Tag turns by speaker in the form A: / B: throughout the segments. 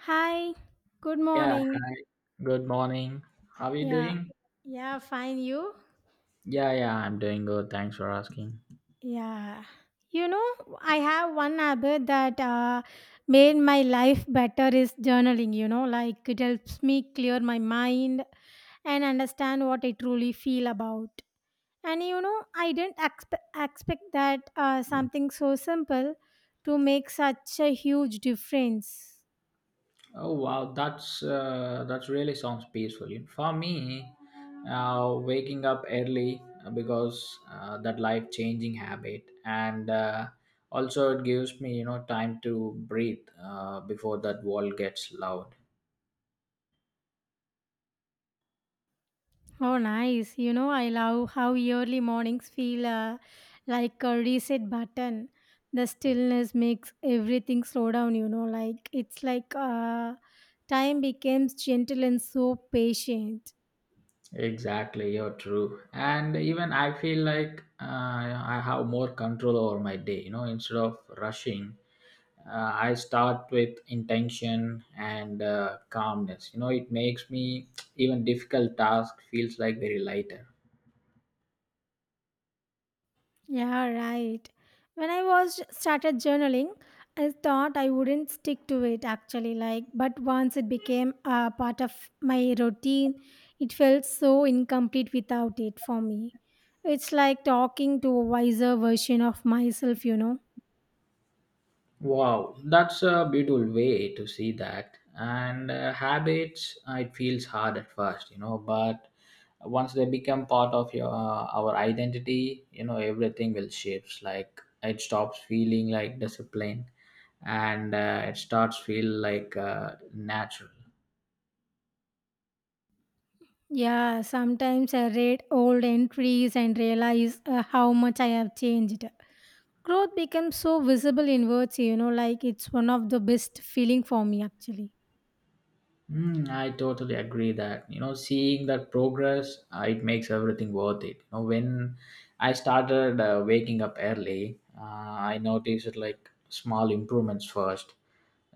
A: Hi, good
B: Yeah,
A: morning.
B: good morning. How are you
A: Yeah,
B: doing?
A: yeah, fine. You?
B: Yeah, yeah, I'm doing good. Thanks for asking.
A: Yeah. You know, I have one habit that made my life better is journaling. You know, like it helps me clear my mind and understand what I truly feel about. And you know, I didn't expect that something so simple to make such a huge difference.
B: Oh wow, that's really sounds peaceful. For me, waking up early because that life-changing habit, and also it gives me time to breathe before that world gets loud.
A: Oh, nice. You know, I love how early mornings feel like a reset button. The stillness makes everything slow down, you know, like it's like time becomes gentle and so patient.
B: Exactly, you're true. And even I feel like I have more control over my day. Instead of rushing. I start with intention and calmness. It makes me even difficult task feels like very lighter.
A: Yeah, right. When I was started journaling, I thought I wouldn't stick to it actually like but once it became a part of my routine, it felt so incomplete without it for me. It's like talking to a wiser version of myself, you know.
B: Wow, that's a beautiful way to see that. And habits it feels hard at first, but once they become part of your our identity, everything will shifts like it stops feeling like discipline. And it starts feel like natural.
A: Yeah, sometimes I read old entries and realize how much I have changed. Growth becomes so visible in words, you know, like it's one of the best feeling for me actually.
B: Mm, I totally agree that seeing that progress it makes everything worth it. When I started waking up early, I noticed like small improvements first,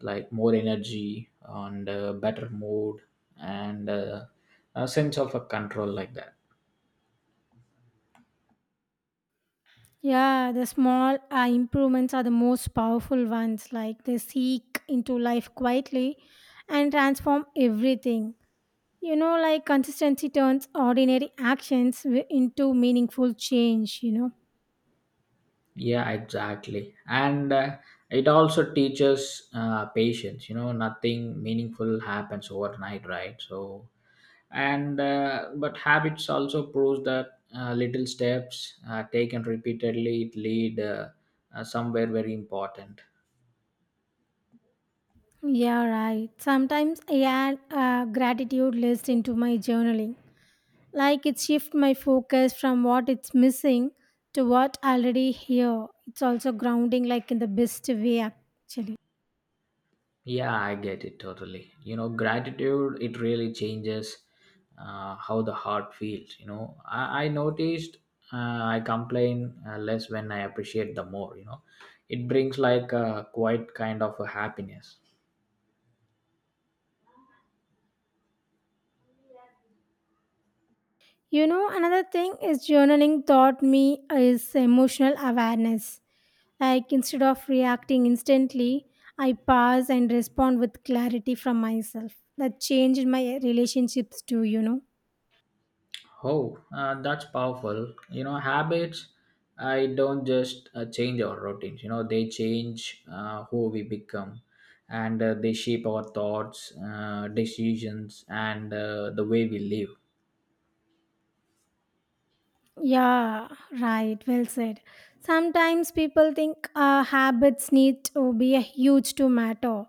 B: like more energy and better mood and a sense of a control like that.
A: Yeah, the small improvements are the most powerful ones. Like they seek into life quietly and transform everything. You know, like consistency turns ordinary actions into meaningful change, you know.
B: Yeah, exactly. And it also teaches patience. Nothing meaningful happens overnight, right? So and but habits also proves that little steps taken repeatedly it lead somewhere very important.
A: Yeah, right. Sometimes I add a gratitude list into my journaling. Like it shifts my focus from what it's missing to what already here. It's also grounding like in the best way actually.
B: Yeah, I get it totally. Gratitude it really changes how the heart feels. I noticed I complain less when I appreciate the more. It brings like a quite kind of a happiness.
A: You know, another thing is journaling taught me is emotional awareness. Like instead of reacting instantly, I pause and respond with clarity from myself. That changed my relationships too, you know.
B: Oh, that's powerful. Habits, I don't just change our routines, they change who we become and they shape our thoughts, decisions, and the way we live.
A: Yeah, right. Well said. Sometimes people think habits need to be a huge to matter,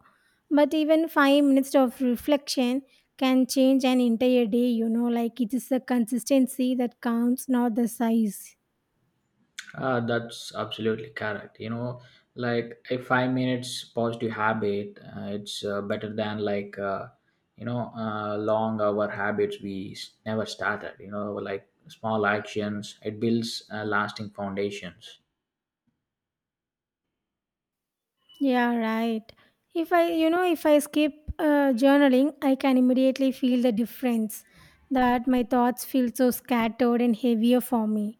A: but even 5 minutes of reflection can change an entire day. You know, like it is the consistency that counts, not the size.
B: That's absolutely correct. Like a 5 minutes positive habit, it's better than like, long hour habits we never started, like small actions, it builds lasting foundations.
A: Yeah, right. If I, you know, if I skip journaling, I can immediately feel the difference that my thoughts feel so scattered and heavier for me.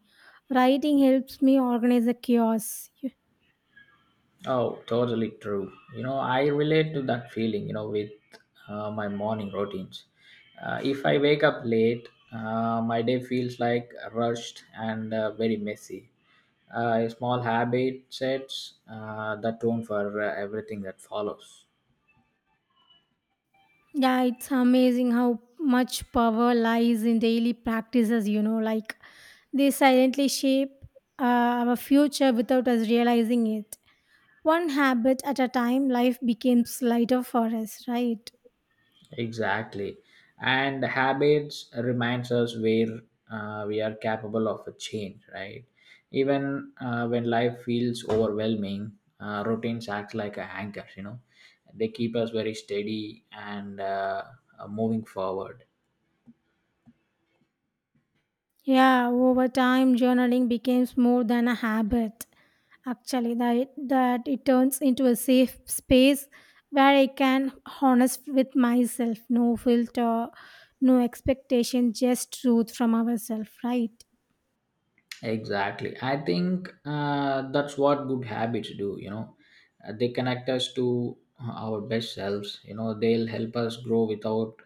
A: Writing helps me organize the chaos.
B: Oh, totally true. I relate to that feeling, with my morning routines. If I wake up late, my day feels like rushed and very messy. A small habit sets the tone for everything that follows.
A: Yeah, it's amazing how much power lies in daily practices, you know, like they silently shape uh, our future without us realizing it. One habit at a time, life becomes lighter for us, right?
B: Exactly. And habits reminds us where we are capable of a change, right? Even when life feels overwhelming, routines act like a anchors, They keep us very steady and moving forward.
A: Yeah, over time, journaling becomes more than a habit. Actually, that it turns into a safe space where I can honest with myself, no filter, no expectation, just truth from ourselves, right?
B: Exactly. I think that's what good habits do. They connect us to our best selves, they'll help us grow without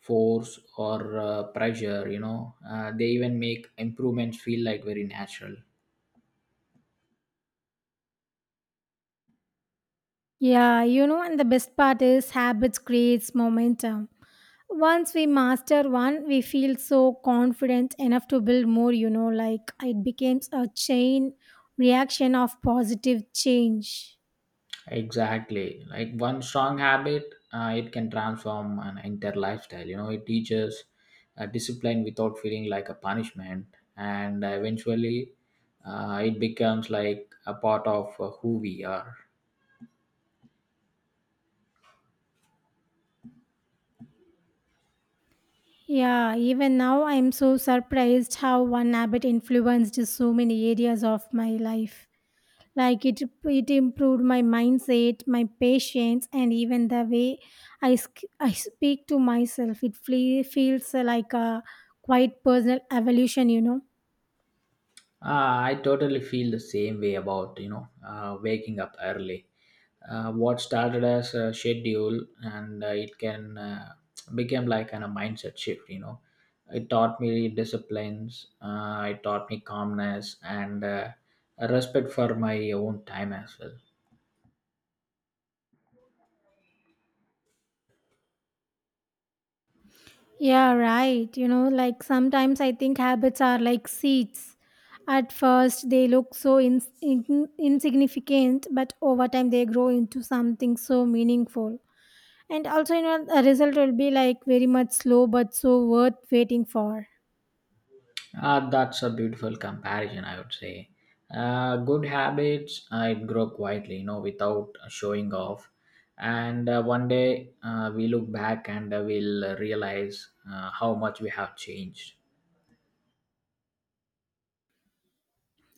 B: force or pressure. They even make improvements feel like very natural.
A: Yeah, you know, and the best part is habits creates momentum. Once we master one, we feel so confident enough to build more, you know, like it becomes a chain reaction of positive change.
B: Exactly. Like one strong habit, it can transform an entire lifestyle. It teaches discipline without feeling like a punishment, and eventually, it becomes like a part of who we are.
A: Yeah, even now I'm so surprised how one habit influenced so many areas of my life. Like it improved my mindset, my patience, and even the way I speak to myself. It feels like a quite personal evolution, you know.
B: I totally feel the same way about waking up early. What started as a schedule and it can became like a mindset shift. It taught me disciplines, it taught me calmness and a respect for my own time as well.
A: Yeah, right. You know, like sometimes I think habits are like seeds. At first, they look so insignificant, but over time, they grow into something so meaningful. And also, you know, the result will be like very much slow but so worth waiting for.
B: That's a beautiful comparison, I would say. Good habits it grow quietly without showing off, and one day we look back and we'll realize how much we have changed.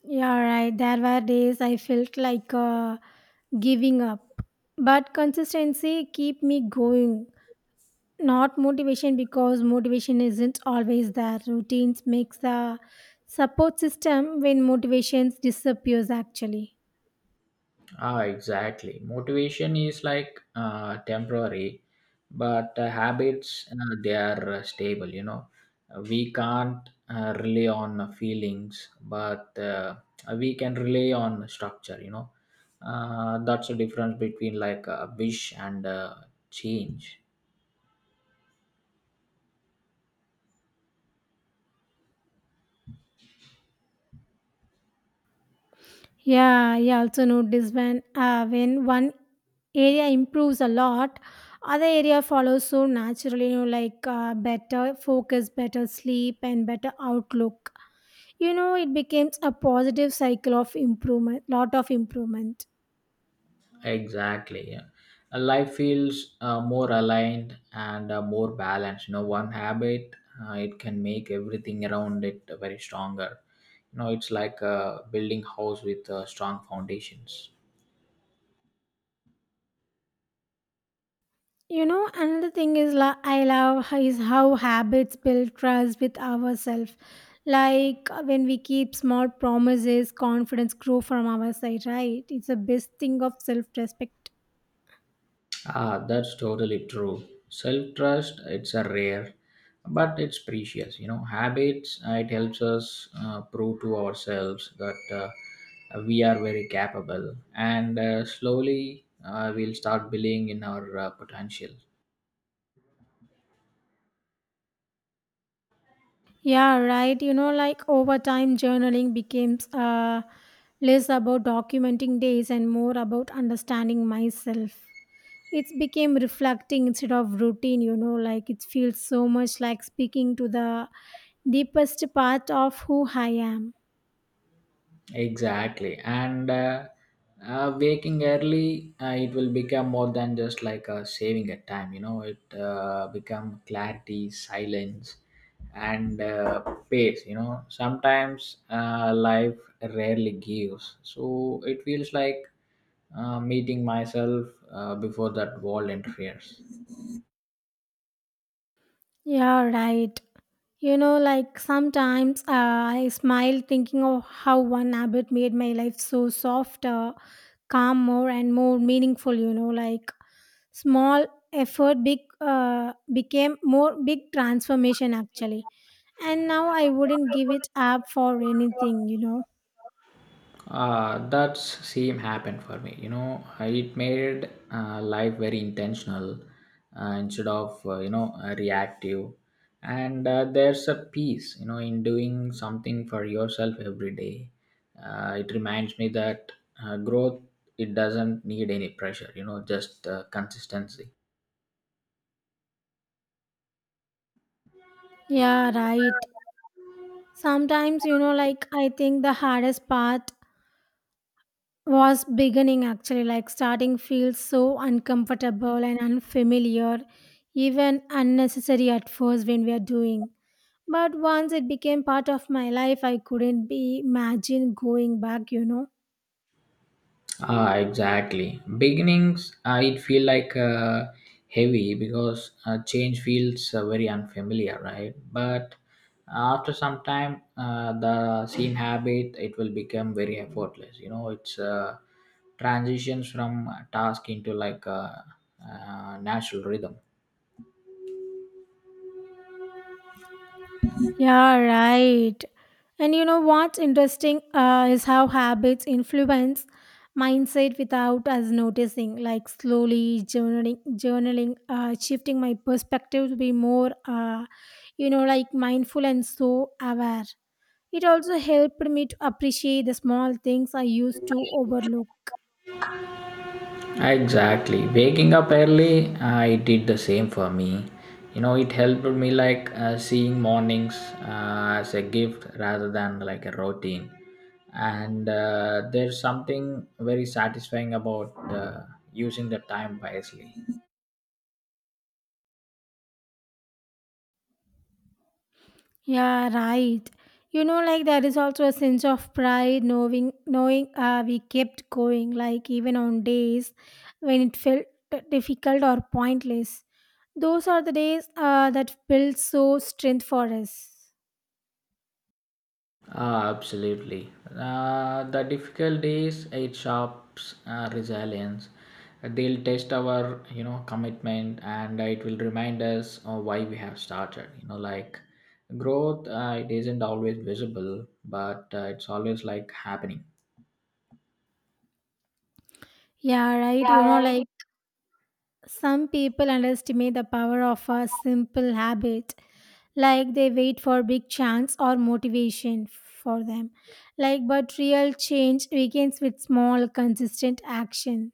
A: Yeah, right. There were days I felt like giving up, but consistency keep me going, not motivation, because motivation isn't always there. Routines makes the support system when motivations disappears actually.
B: Ah, exactly. Motivation is like temporary, but habits they are stable. We can't rely on feelings, but we can rely on structure. That's the difference between like a wish and change.
A: Yeah, I also noticed when one area improves a lot, other area follows so naturally. You know, like better focus, better sleep, and better outlook. You know, it becomes a positive cycle of improvement, lot of improvement.
B: Exactly. Yeah. Life feels more aligned and more balanced. One habit it can make everything around it very stronger. It's like building house with strong foundations.
A: You know, another thing is I love how, is how habits build trust with ourselves. Like when we keep small promises, confidence grow from our side, right? It's a best thing of self respect.
B: Ah, that's totally true. Self trust, it's a rare, but it's precious. Habits, it helps us prove to ourselves that we are very capable, and slowly we'll start believing in our potential.
A: Yeah, right. You know, like over time, journaling becomes less about documenting days and more about understanding myself. It's became reflecting instead of routine, you know, like it feels so much like speaking to the deepest part of who I am.
B: Exactly. And waking early, it will become more than just like saving a time. It become clarity, silence, and pace. Sometimes life rarely gives. So it feels like meeting myself before that wall interferes.
A: Yeah, right. You know, like sometimes I smile thinking of how one habit made my life so softer, calm, more and more meaningful, you know, like small effort, big, became more big transformation actually. And now I wouldn't give it up for anything, you know.
B: That same happened for me. It made life very intentional instead of reactive. And there's a peace, in doing something for yourself every day. It reminds me that growth it doesn't need any pressure. Just consistency.
A: Yeah, right. Sometimes, you know, like I think the hardest part was beginning actually, like starting feels so uncomfortable and unfamiliar, even unnecessary at first when we are doing, but once it became part of my life I couldn't be imagine going back, you know.
B: Ah, exactly. Beginnings, it feel like heavy because change feels very unfamiliar, right? But after some time, the same habit it will become very effortless. It's transitions from task into like a, natural rhythm.
A: Yeah, right. And you know what's interesting is how habits influence mindset without us noticing, like slowly journaling, shifting my perspective to be more, you know, like mindful and so aware. It also helped me to appreciate the small things I used to overlook.
B: Exactly. Waking up early, I did the same for me. It helped me like seeing mornings as a gift rather than like a routine. And there's something very satisfying about using the time wisely.
A: Yeah, right. You know, like there is also a sense of pride knowing we kept going, like even on days when it felt difficult or pointless. Those are the days that build so strength for us.
B: Ah, absolutely. The difficult is it sharps resilience. They'll test our, commitment, and it will remind us of why we have started. Like growth, it isn't always visible, but it's always like happening.
A: Yeah, right. You know, like some people underestimate the power of a simple habit. Like they wait for big chance or motivation for them. Like, but real change begins with small, consistent action.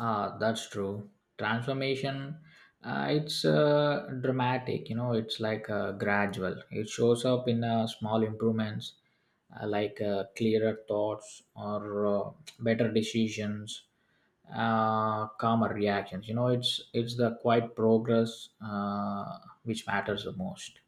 B: Ah, that's true. Transformation, it's dramatic, it's like gradual. It shows up in small improvements like clearer thoughts or better decisions, calmer reactions. It's the quiet progress which matters the most.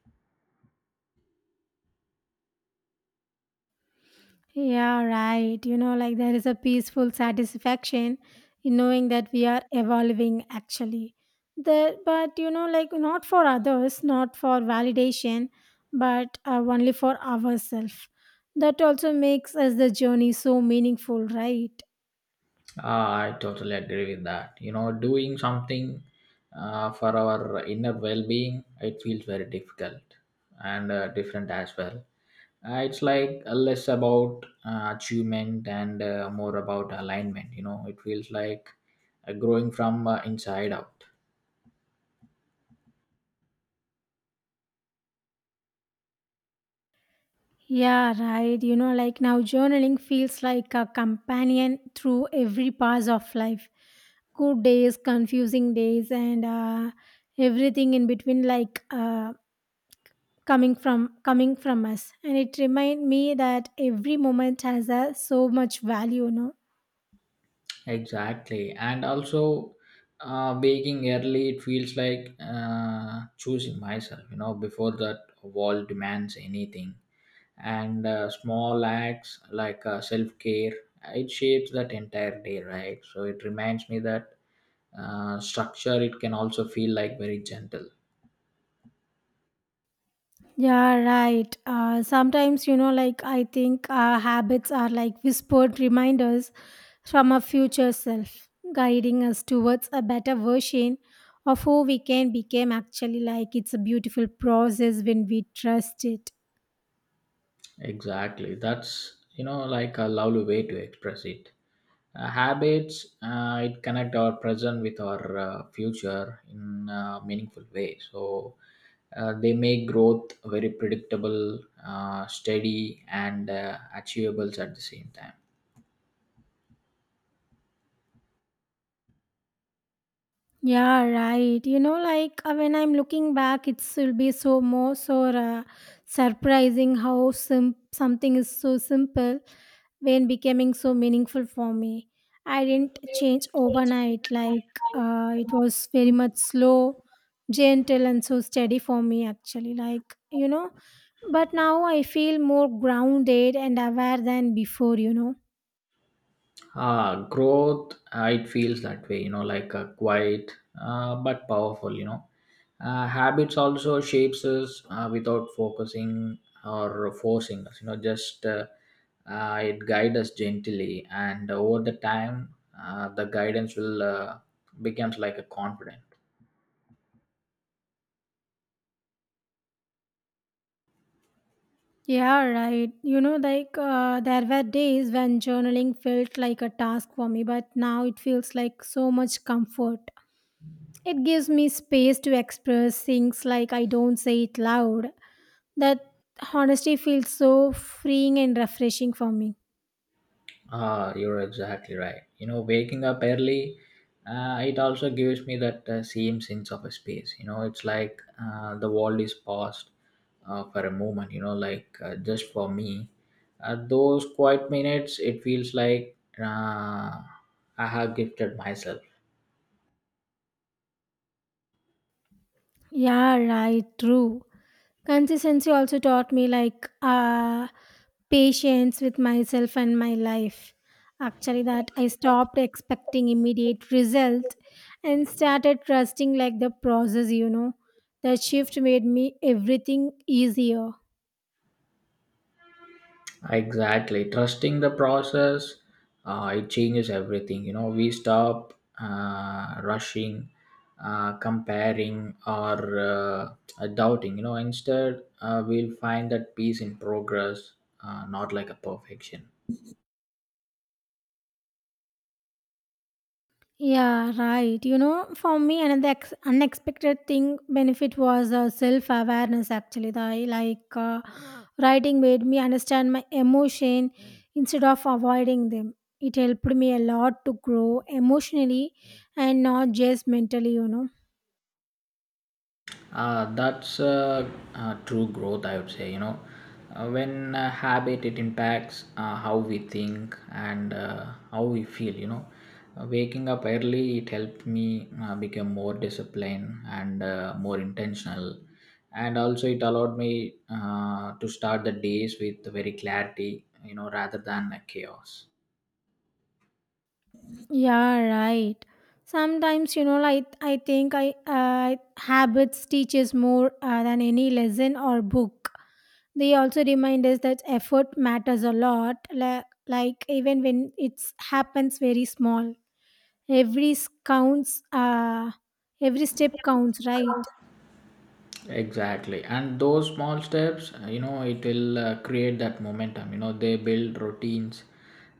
A: Yeah, right. You know, like there is a peaceful satisfaction in knowing that we are evolving actually. There, but you know, like not for others, not for validation, but only for ourselves. That also makes us the journey so meaningful, right?
B: Ah, I totally agree with that. Doing something for our inner well being, it feels very difficult and different as well. It's like less about achievement and more about alignment. It feels like growing from inside out.
A: Yeah, right. You know, like now journaling feels like a companion through every pass of life. Good days, confusing days, and everything in between, like. Coming from us and it remind me that every moment has a, so much value, no?
B: Exactly. And also, waking early, it feels like choosing myself, before that wall demands anything, and small acts like self-care it shapes that entire day, right? So it reminds me that structure it can also feel like very gentle.
A: Yeah, right. Sometimes, you know, like I think our habits are like whispered reminders from our future self, guiding us towards a better version of who we can become actually, like it's a beautiful process when we trust it.
B: Exactly, that's like a lovely way to express it. Habits it connect our present with our future in a meaningful way, so they make growth very predictable, steady, and achievable at the same time.
A: Yeah, right. You know, like when I'm looking back, it will be so more so surprising how something is so simple when becoming so meaningful for me. I didn't change overnight. Like it was very much slow, gentle, and so steady for me. Actually, like, you know, but now I feel more grounded and aware than before. You know.
B: Ah, growth, it feels that way, like a quiet but powerful. Habits also shapes us without focusing or forcing us, you know, just it guides us gently. And over the time, the guidance will becomes like a confidence.
A: Yeah, right. You know, like there were days when journaling felt like a task for me, but now it feels like so much comfort. It gives me space to express things like I don't say it loud. That honesty feels so freeing and refreshing for me.
B: Ah, you're exactly right. Waking up early, it also gives me that same sense of a space. It's like the world is paused for a moment. Like just for me, those quiet minutes, it feels like I have gifted myself.
A: Yeah, right. True. Consistency also taught me like patience with myself and my life. Actually, that I stopped expecting immediate result and started trusting like the process, you know. That shift made me everything easier.
B: Exactly. Trusting the process, it changes everything. We stop rushing, comparing, or doubting. Instead, we'll find that peace in progress, not like a perfection.
A: Yeah, right. You know, for me, another unexpected thing benefit was self awareness. Actually, I like writing made me understand my emotion instead of avoiding them. It helped me a lot to grow emotionally and not just mentally. You know.
B: That's true growth, I would say. You know when Habit it impacts how we think and how we feel. Waking up early it helped me become more disciplined and more intentional, and also it allowed me to start the days with very clarity, rather than a chaos.
A: Yeah, right. Sometimes, you know, like I think I habits teaches more than any lesson or book. They also remind us that effort matters a lot, like even when it happens very small. Counts, every step counts, right?
B: Exactly. And those small steps, it will create that momentum. They build routines,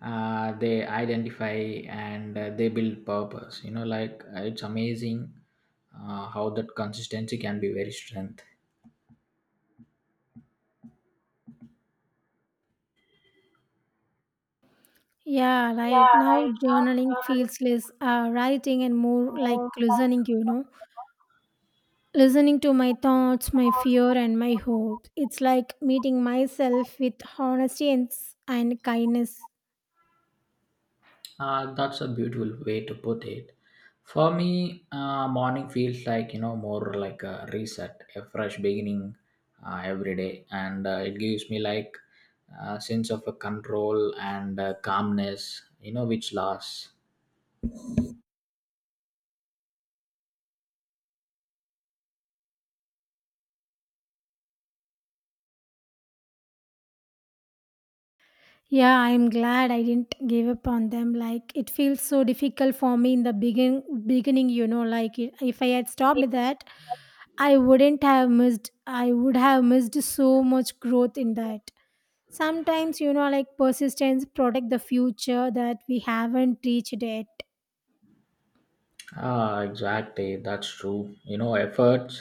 B: they identify and they build purpose. Like it's amazing how that consistency can be very strength.
A: Yeah, right. Now journaling feels less writing and more like listening, you know. Listening to my thoughts, my fear, and my hopes. It's like meeting myself with honesty and, and kindness.
B: That's a beautiful way to put it. For me, morning feels like more like a reset, a fresh beginning every day, and it gives me like a sense of a control and calmness, which lasts.
A: Yeah, I'm glad I didn't give up on them. Like it feels so difficult for me in the beginning, you know, like I- if I had stopped that, I wouldn't have missed I would have missed so much growth in that. Sometimes, you know, like persistence protect the future that we haven't reached yet.
B: Ah, exactly. That's true. Efforts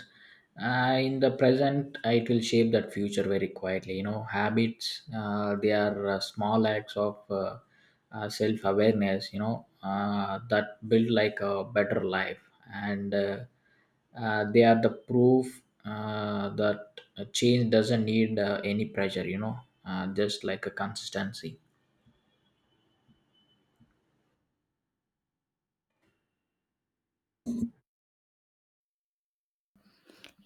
B: in the present, it will shape that future very quietly. Habits, they are small acts of self awareness, that build like a better life. And they are the proof that a change doesn't need any pressure, just like a consistency.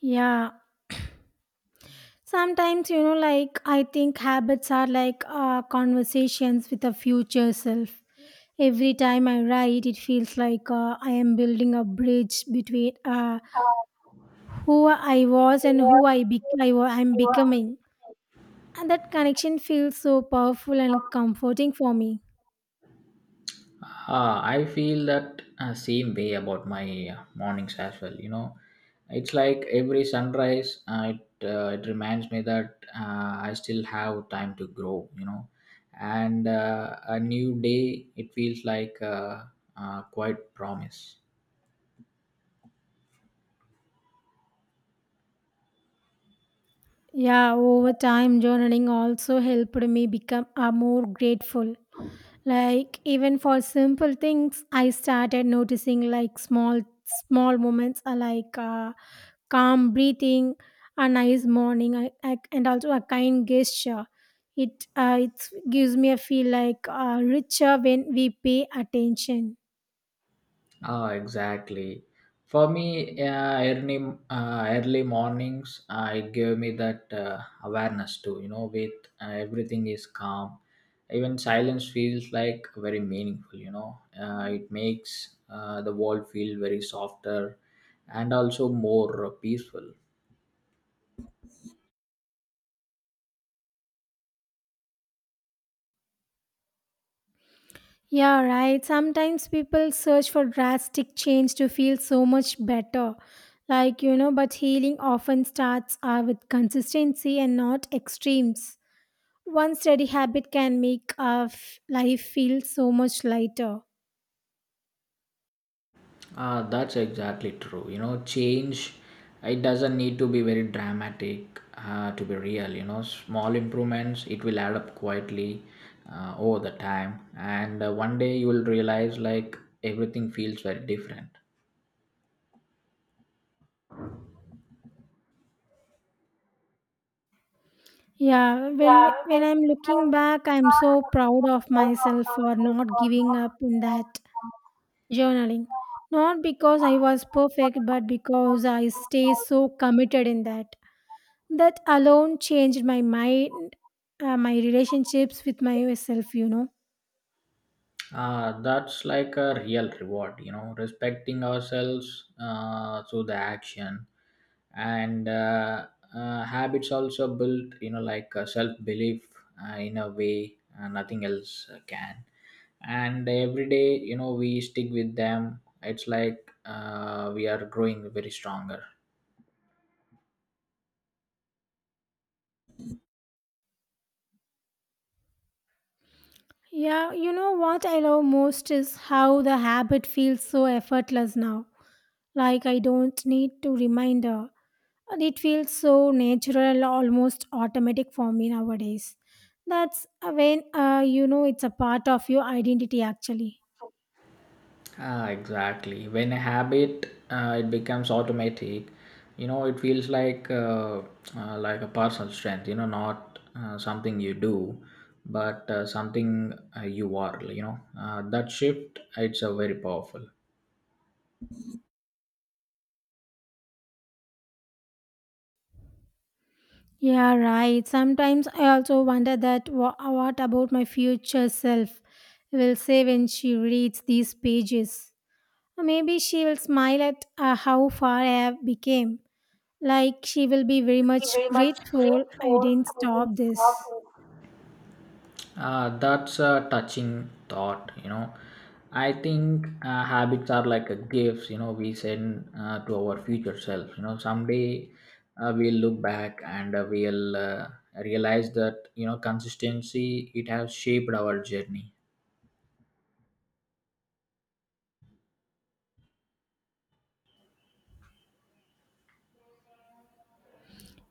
A: Yeah. Sometimes, you know, like I think habits are like conversations with the future self. Every time I write, it feels like I am building a bridge between who I was and who I, be- I wa- I'm becoming. And that connection feels so powerful and comforting for me.
B: I feel that same way about my mornings as well. It's like every sunrise, it reminds me that I still have time to grow, and a new day, it feels like quite promise.
A: Yeah, over time, journaling also helped me become more grateful. Like, even for simple things, I started noticing like small, small moments, like calm breathing, a nice morning, and also a kind gesture. It gives me a feel like richer when we pay attention.
B: Ah, exactly. For me, early mornings, it gave me that awareness too. With everything is calm, even silence feels like very meaningful. It makes the world feel very softer and also more peaceful.
A: Yeah, right. Sometimes people search for drastic change to feel so much better. Like, you know, but healing often starts with consistency and not extremes. One steady habit can make our life feel so much lighter.
B: That's exactly true. Change, it doesn't need to be very dramatic to be real. Small improvements, it will add up quietly over the time. And one day you will realize like everything feels very different.
A: Yeah, when I'm looking back, I'm so proud of myself for not giving up in that journaling. Not because I was perfect, but because I stay so committed in that. That alone changed my mind, my relationships with myself, you know.
B: That's like a real reward, respecting ourselves through the action. And habits also build, like self belief in a way nothing else can. And every day, we stick with them. It's like we are growing very stronger.
A: Yeah, you know what I love most is how the habit feels so effortless now. Like I don't need to remind her. And it feels so natural, almost automatic for me nowadays. That's when you know it's a part of your identity actually.
B: Ah, exactly. When a habit it becomes automatic, it feels like a personal strength. Not something you do, but something you are. That shift it's a very powerful.
A: Yeah, right. Sometimes I also wonder that what about my future self will say when she reads these pages. Or maybe she will smile at how far I have become. Like she will be very much grateful I didn't stop this.
B: That's a touching thought, you know. I think habits are like a gifts, we send to our future self. Someday we'll look back and we'll realize that, consistency, it has shaped our journey.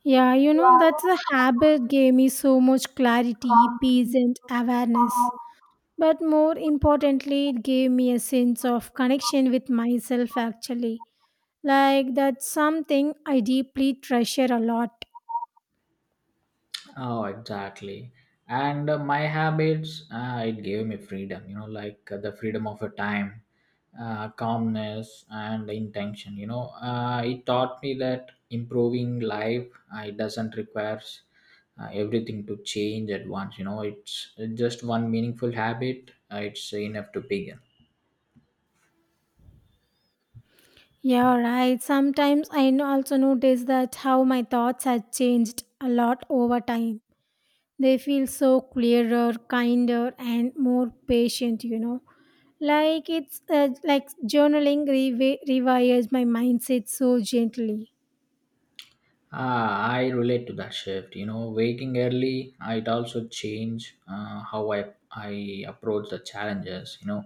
A: Yeah, you know, that's the habit gave me so much clarity, peace, and awareness. But more importantly, it gave me a sense of connection with myself actually. Like, that's something I deeply treasure a lot.
B: Oh, exactly. And my habits, it gave me freedom, like the freedom of a time, calmness, and intention. It taught me that improving life, it doesn't requires everything to change at once. It's just one meaningful habit. It's enough to begin.
A: Yeah, right. Sometimes also notice that how my thoughts have changed a lot over time. They feel so clearer, kinder, and more patient, you know. Like it's like journaling rewires my mindset so gently.
B: Ah, I relate to that shift. Waking early, it also changed how I approach the challenges. You know,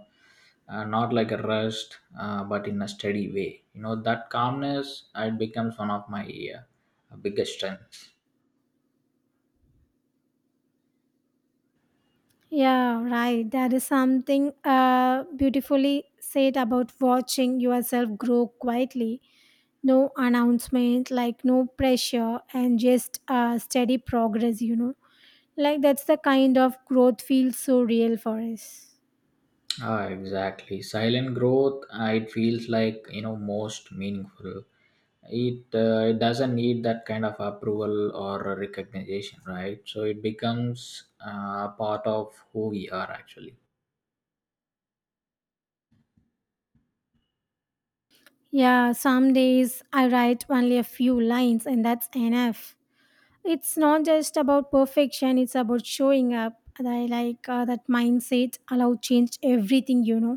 B: uh, Not like a rust, but in a steady way. That calmness it becomes one of my biggest strengths.
A: Yeah, right. That is something beautifully said about watching yourself grow quietly. No announcement, like no pressure, and just steady progress, you know. Like that's the kind of growth feels so real for us.
B: Ah, exactly. Silent growth. It feels like most meaningful. It doesn't need that kind of approval or recognition, right? So it becomes part of who we are actually.
A: Yeah, some days I write only a few lines, and that's enough. It's not just about perfection, it's about showing up, and I like that mindset allow change everything, you know.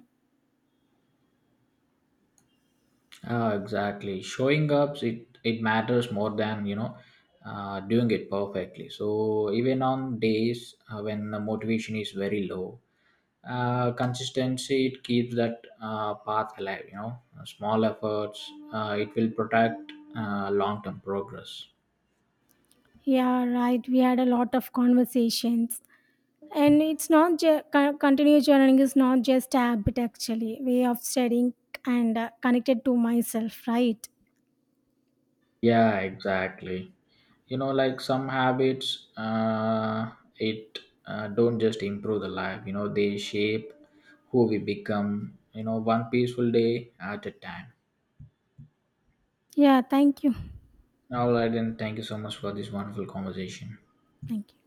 B: Ah, exactly. Showing up, it matters more than doing it perfectly. So even on days when the motivation is very low, consistency it keeps that path alive. Small efforts it will protect long term progress.
A: Yeah, right. We had a lot of conversations and it's not continuous journaling is not just a habit, actually way of studying and connected to myself, right?
B: Yeah, exactly. Like some habits uh, it don't just improve the life. They shape who we become, one peaceful day at a time.
A: Yeah, thank you.
B: All right, and thank you so much for this wonderful conversation.
A: Thank you.